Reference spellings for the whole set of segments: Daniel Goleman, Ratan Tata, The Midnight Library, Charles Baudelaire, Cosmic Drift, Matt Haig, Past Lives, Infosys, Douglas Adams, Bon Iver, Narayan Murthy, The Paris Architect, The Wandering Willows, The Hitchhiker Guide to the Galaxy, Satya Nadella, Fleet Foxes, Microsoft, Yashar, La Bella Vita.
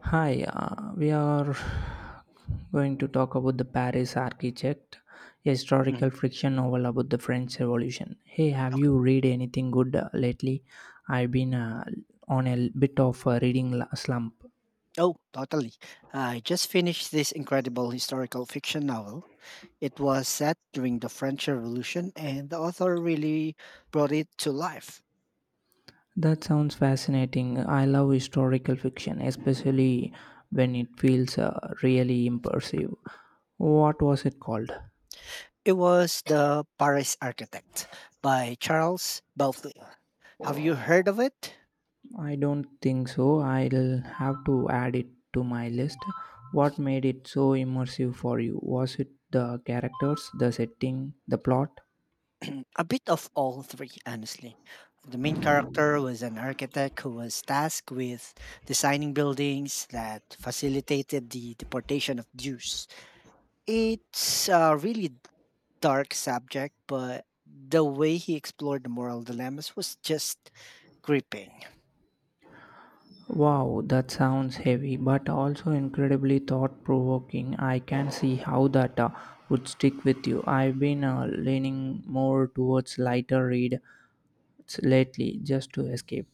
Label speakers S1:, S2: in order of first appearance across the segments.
S1: Hi, we are going to talk about the Paris architect, a historical
S2: Mhm.
S1: fiction novel about the French Revolution. Hey, have you
S2: Okay.
S1: read anything good lately? I've been on a bit of a reading slump.
S2: Oh, totally. I just finished this incredible historical fiction novel. It was set during the French Revolution, and the author really brought it to life.
S1: That sounds fascinating. I love historical fiction, especially when it feels really immersive. What was it called?
S2: It was The Paris Architect by Charles Baudelaire. Have you heard of it?
S1: I don't think so. I'll have to add it to my list. What made it so immersive for you? Was it the characters, the setting, the plot?
S2: A bit of all three, honestly. The main character was an architect who was tasked with designing buildings that facilitated the deportation of Jews. It's a really dark subject, but the way he explored the moral dilemmas was just gripping.
S1: Wow, that sounds heavy, but also incredibly thought provoking. I can see how that would stick with you. I've been leaning more towards lighter read lately just to escape.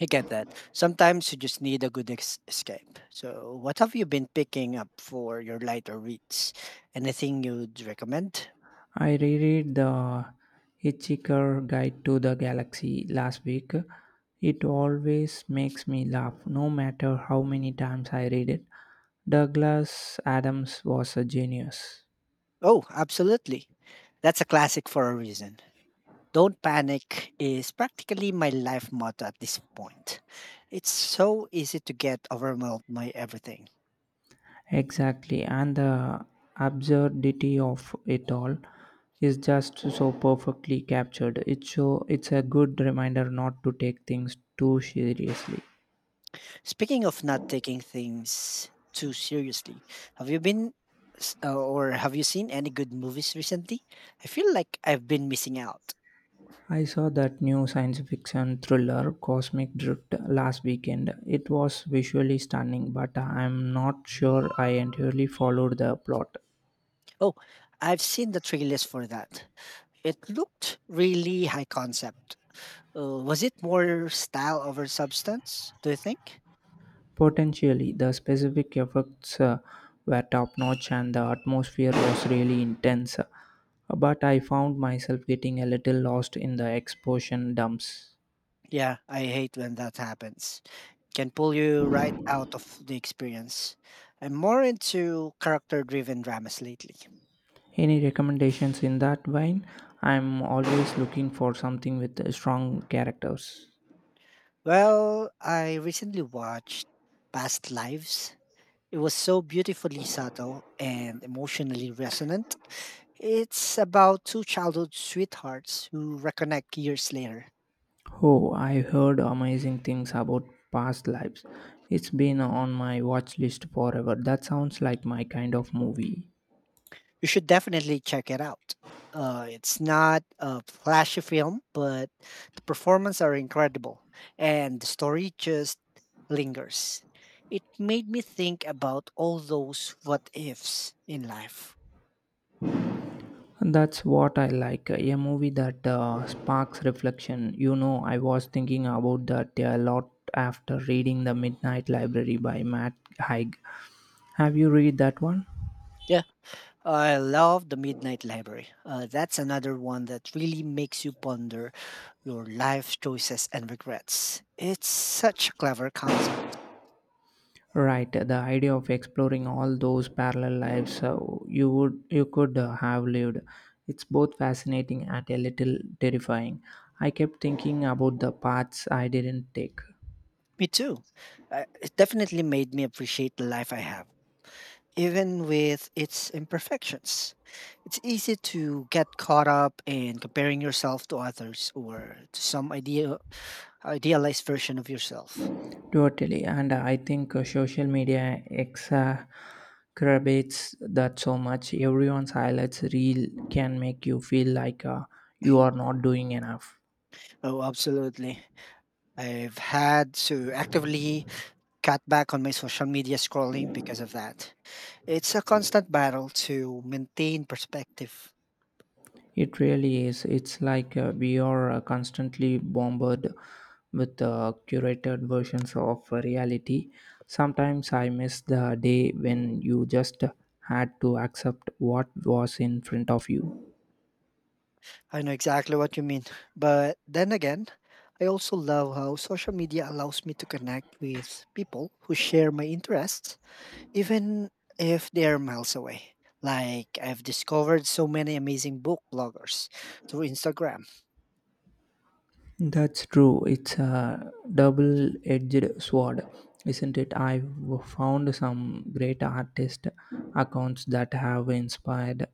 S2: I get that. Sometimes you just need a good escape. So, what have you been picking up for your lighter reads? Anything you'd recommend?
S1: I reread The Hitchhiker Guide to the Galaxy last week. It always makes me laugh, no matter how many times I read it. Douglas Adams was a genius.
S2: Oh, absolutely. That's a classic for a reason. Don't panic is practically my life motto at this point. It's so easy to get overwhelmed by everything.
S1: Exactly, and the absurdity of it all is just so perfectly captured. It's a good reminder not to take things too seriously.
S2: Speaking of not taking things too seriously, have you been or have you seen any good movies recently? I feel like I've been missing out.
S1: I saw that new science fiction thriller, Cosmic Drift, last weekend. It was visually stunning, but I'm not sure I entirely followed the plot.
S2: Oh, I've seen the trailers for that. It looked really high concept. Was it more style over substance, do you think?
S1: Potentially, the specific effects were top notch and the atmosphere was really intense, but I found myself getting a little lost in the exposition dumps.
S2: Yeah, I hate when that happens. It can pull you right out of the experience. I'm more into character driven dramas lately.
S1: Any recommendations in that vein? I'm always looking for something with strong characters.
S2: Well, I recently watched Past Lives. It was so beautifully subtle and emotionally resonant. It's about two childhood sweethearts who reconnect years later.
S1: Oh, I heard amazing things about past lives. It's been on my watch list forever. That sounds like my kind of movie.
S2: You should definitely check it out. It's not a flashy film, but the performances are incredible, and the story just lingers. It made me think about all those what ifs in life.
S1: And that's what I like, a movie that sparks reflection. You know, I was thinking about that a lot after reading The Midnight Library by Matt Haig. Have you read that one?
S2: Yeah, I love The Midnight Library. That's another one that really makes you ponder your life choices and regrets. It's such a clever concept.
S1: Right, the idea of exploring all those parallel lives, you would you could have lived. It's both fascinating and a little terrifying. I kept thinking about the paths I didn't take.
S2: Me too. It definitely made me appreciate the life I have even with its imperfections. It's easy to get caught up in comparing yourself to others or to some idealized version of yourself.
S1: Totally, and I think social media exacerbates that so much. Everyone's highlights reel can make you feel like you are not doing enough.
S2: Oh, absolutely. I've had to actively cut back on my social media scrolling because of that. It's a constant battle to maintain perspective.
S1: It really is. It's like we are constantly bombarded with curated versions of reality. Sometimes I miss the day when you just had to accept what was in front of you.
S2: I know exactly what you mean. But then again, I also love how social media allows me to connect with people who share my interests even if they're miles away. Like, I've discovered so many amazing book bloggers through Instagram.
S1: That's true. It's a double edged sword, isn't it? I've found some great artist accounts that have inspired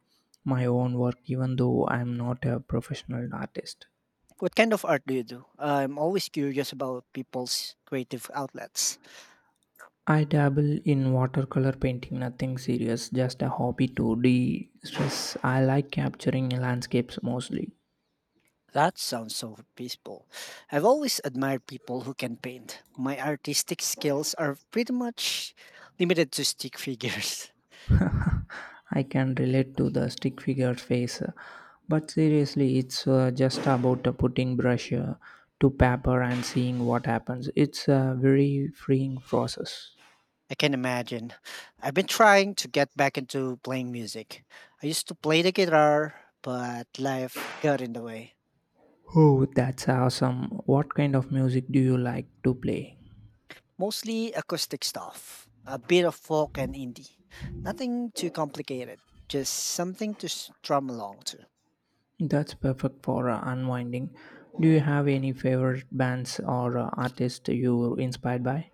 S1: my own work, even though I'm not a professional artist.
S2: What kind of art do you do? I'm always curious about people's creative outlets.
S1: I dabble in watercolor painting, nothing serious, just a hobby to de stress. I like capturing landscapes mostly.
S2: That sounds so peaceful. I've always admired people who can paint. My artistic skills are pretty much limited to stick figures.
S1: I can relate to the stick figure face, but seriously, it's just about putting brush to paper and seeing what happens. It's a very freeing process.
S2: I can imagine. I've been trying to get back into playing music. I used to play the guitar, but life got in the way.
S1: Oh, that's awesome. What kind of music do you like to play?
S2: Mostly acoustic stuff, a bit of folk and indie. Nothing too complicated, just something to strum along to.
S1: That's perfect for unwinding. Do you have any favorite bands or artists you were inspired by?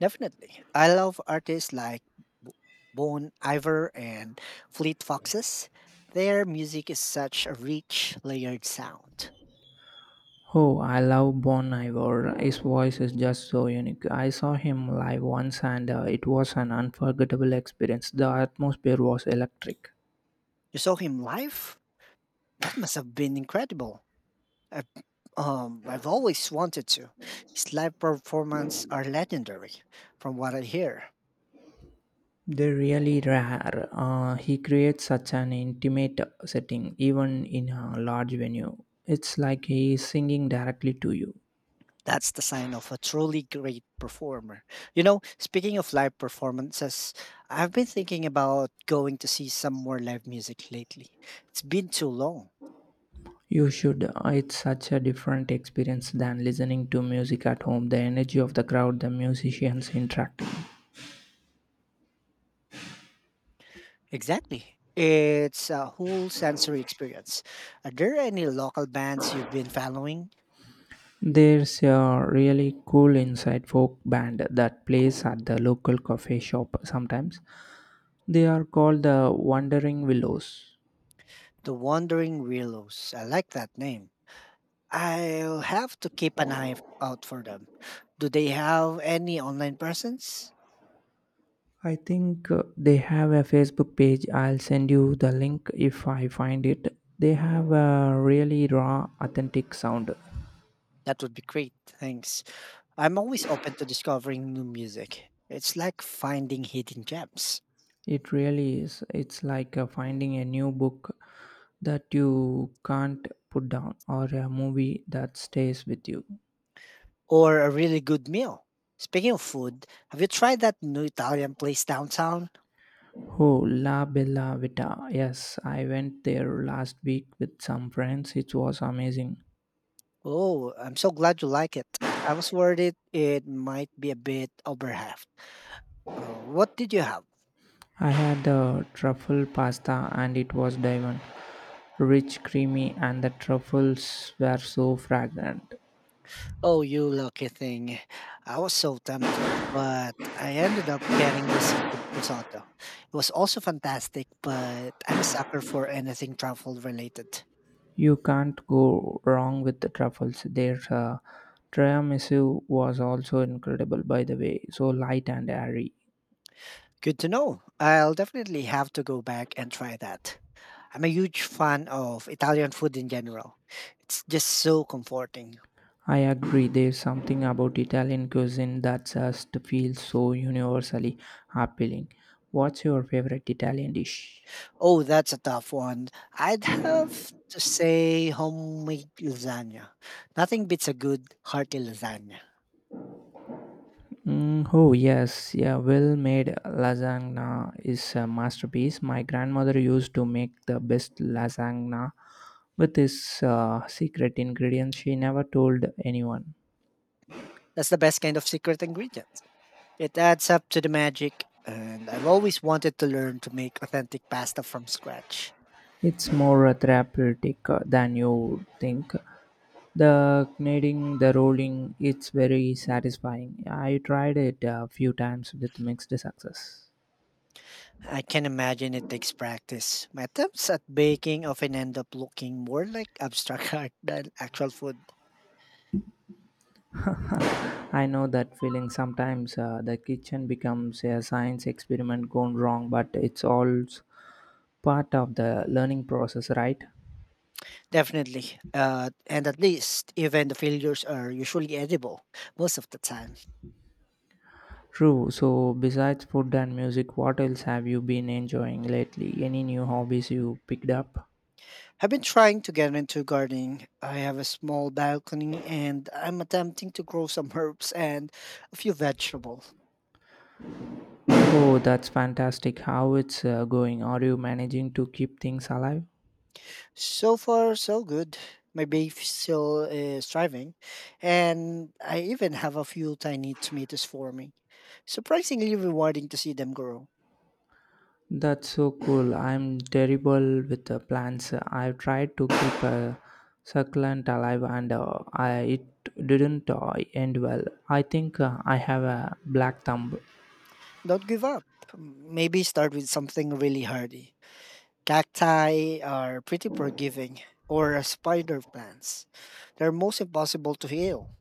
S2: Definitely. I love artists like B- Bon Iver and Fleet Foxes. Their music is such a rich, layered sound.
S1: Oh, I love Bon Iver. His voice is just so unique. I saw him live once and it was an unforgettable experience. The atmosphere was electric.
S2: You saw him live? That must have been incredible. I, I've always wanted to. His live performances are legendary, from what I hear.
S1: They're really rare. He creates such an intimate setting, even in a large venue. It's like he is singing directly to you.
S2: That's the sign of a truly great performer. You know, speaking of live performances, I've been thinking about going to see some more live music lately. It's been too long.
S1: You should. It's such a different experience than listening to music at home. The energy of the crowd, the musicians interacting.
S2: Exactly. It's a whole sensory experience. Are there any local bands you've been following?
S1: There's a really cool inside folk band that plays at the local coffee shop sometimes. They are called the Wandering Willows.
S2: The Wandering Willows. I like that name. I'll have to keep an eye out for them. Do they have any online presence?
S1: I think they have a Facebook page. I'll send you the link if I find it. They have a really raw, authentic sound.
S2: That would be great. Thanks. I'm always open to discovering new music. It's like finding hidden gems
S1: It really is. It's like finding a new book that you can't put down or a movie that stays with you.
S2: or a really good meal. Speaking of food, have you tried that new Italian place downtown?
S1: Oh, La Bella Vita. Yes, I went there last week with some friends. It was amazing.
S2: Oh, I'm so glad you like it. I was worried it might be a bit overhyped. What did you have?
S1: I had the truffle pasta and it was divine. Rich, creamy, and the truffles were so fragrant.
S2: Oh, you lucky thing. I was so tempted, but I ended up getting the seafood risotto. It was also fantastic, but I'm a sucker for anything truffle related.
S1: You can't go wrong with the truffles. Their tiramisu was also incredible, by the way, so light and airy.
S2: Good to know. I'll definitely have to go back and try that. I'm a huge fan of Italian food in general. It's just so comforting.
S1: I agree, there's something about Italian cuisine that just feels so universally appealing. What's your favorite Italian dish?
S2: Oh, that's a tough one. I'd have to say homemade lasagna. Nothing beats a good hearty lasagna.
S1: Mm, oh yes, yeah, well-made lasagna is a masterpiece. My grandmother used to make the best lasagna with this secret ingredient she never told anyone.
S2: That's the best kind of secret ingredient. It adds up to the magic, and I've always wanted to learn to make authentic pasta from scratch.
S1: It's more therapeutic than you would think. The kneading, the rolling, it's very satisfying. I tried it a few times with mixed success.
S2: I can imagine it takes practice. My attempts at baking often end up looking more like abstract art than actual food.
S1: I know that feeling sometimes the kitchen becomes a science experiment gone wrong, but it's all part of the learning process, right?
S2: Definitely. And at least, even the failures are usually edible most of the time.
S1: True. So, besides food and music, what else have you been enjoying lately? Any new hobbies you picked up?
S2: I've been trying to get into gardening. I have a small balcony and I'm attempting to grow some herbs and a few vegetables.
S1: Oh, that's fantastic. How it's going? Are you managing to keep things alive?
S2: So far, so good. My beef still is thriving, and I even have a few tiny tomatoes forming. Surprisingly rewarding to see them grow.
S1: That's so cool. I'm terrible with the plants. I've tried to keep a succulent alive and it didn't end well. I think I have a black thumb.
S2: Don't give up. Maybe start with something really hardy. Cacti are pretty forgiving, or spider plants. They're most impossible to heal.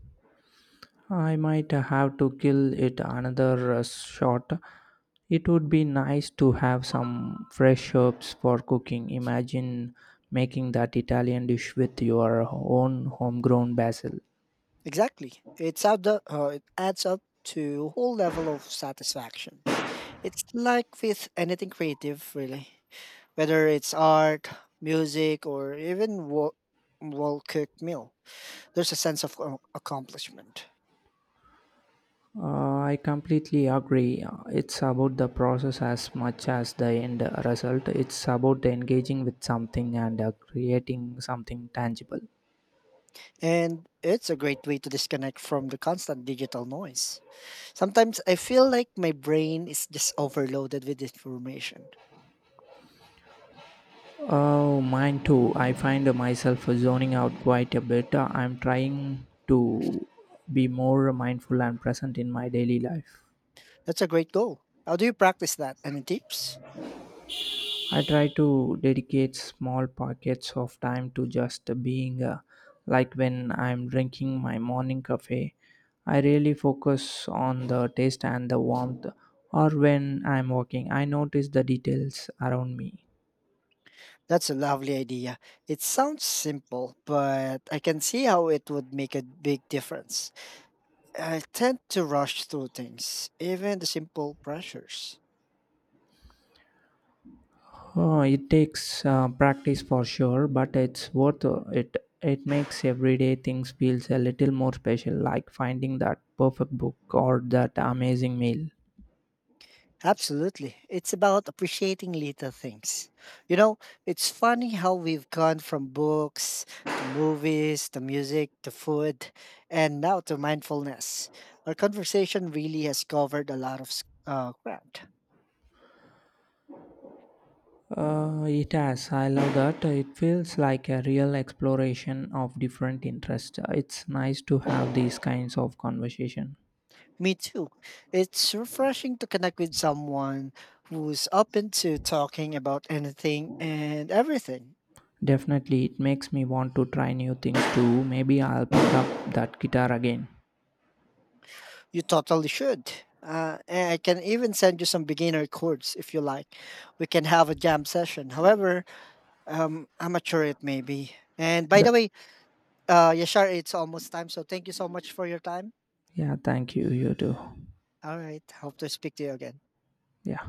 S1: I might have to kill it another shot. It would be nice to have some fresh herbs for cooking. Imagine making that Italian dish with your own homegrown basil.
S2: Exactly. It adds up to a whole level of satisfaction. It's like with anything creative, really, whether it's art, music, or even well cooked meal. There's a sense of accomplishment.
S1: I completely agree. It's about the process as much as the end result. It's about engaging with something and creating something tangible.
S2: And it's a great way to disconnect from the constant digital noise. Sometimes I feel like my brain is just overloaded with information.
S1: Oh, mine too. I find myself zoning out quite a bit. I'm trying to be more mindful and present in my daily life.
S2: That's a great goal. How do you practice that? Any tips?
S1: I try to dedicate small pockets of time to just being, like when I'm drinking my morning coffee. I really focus on the taste and the warmth, or when I'm walking, I notice the details around me.
S2: That's a lovely idea. It sounds simple, but I can see how it would make a big difference. I tend to rush through things, even the simple pressures.
S1: It takes practice for sure, but it's worth it. It makes everyday things feels a little more special, like finding that perfect book or that amazing meal.
S2: Absolutely. It's about appreciating little things. You know, it's funny how we've gone from books to movies to music to food and now to mindfulness. Our conversation really has covered a lot of ground.
S1: It has. I love that. It feels like a real exploration of different interests. It's nice to have these kinds of conversation.
S2: Me too. It's refreshing to connect with someone who's open to talking about anything and everything.
S1: Definitely, it makes me want to try new things too. Maybe I'll pick up that guitar again.
S2: You totally should. And I can even send you some beginner chords if you like. We can have a jam session. However, amateur it may be. And by
S1: The,
S2: the way, Yashar, it's almost time. So thank you so much for your time.
S1: yeah, thank you. You too.
S2: All right. Hope to speak to you again.
S1: Yeah.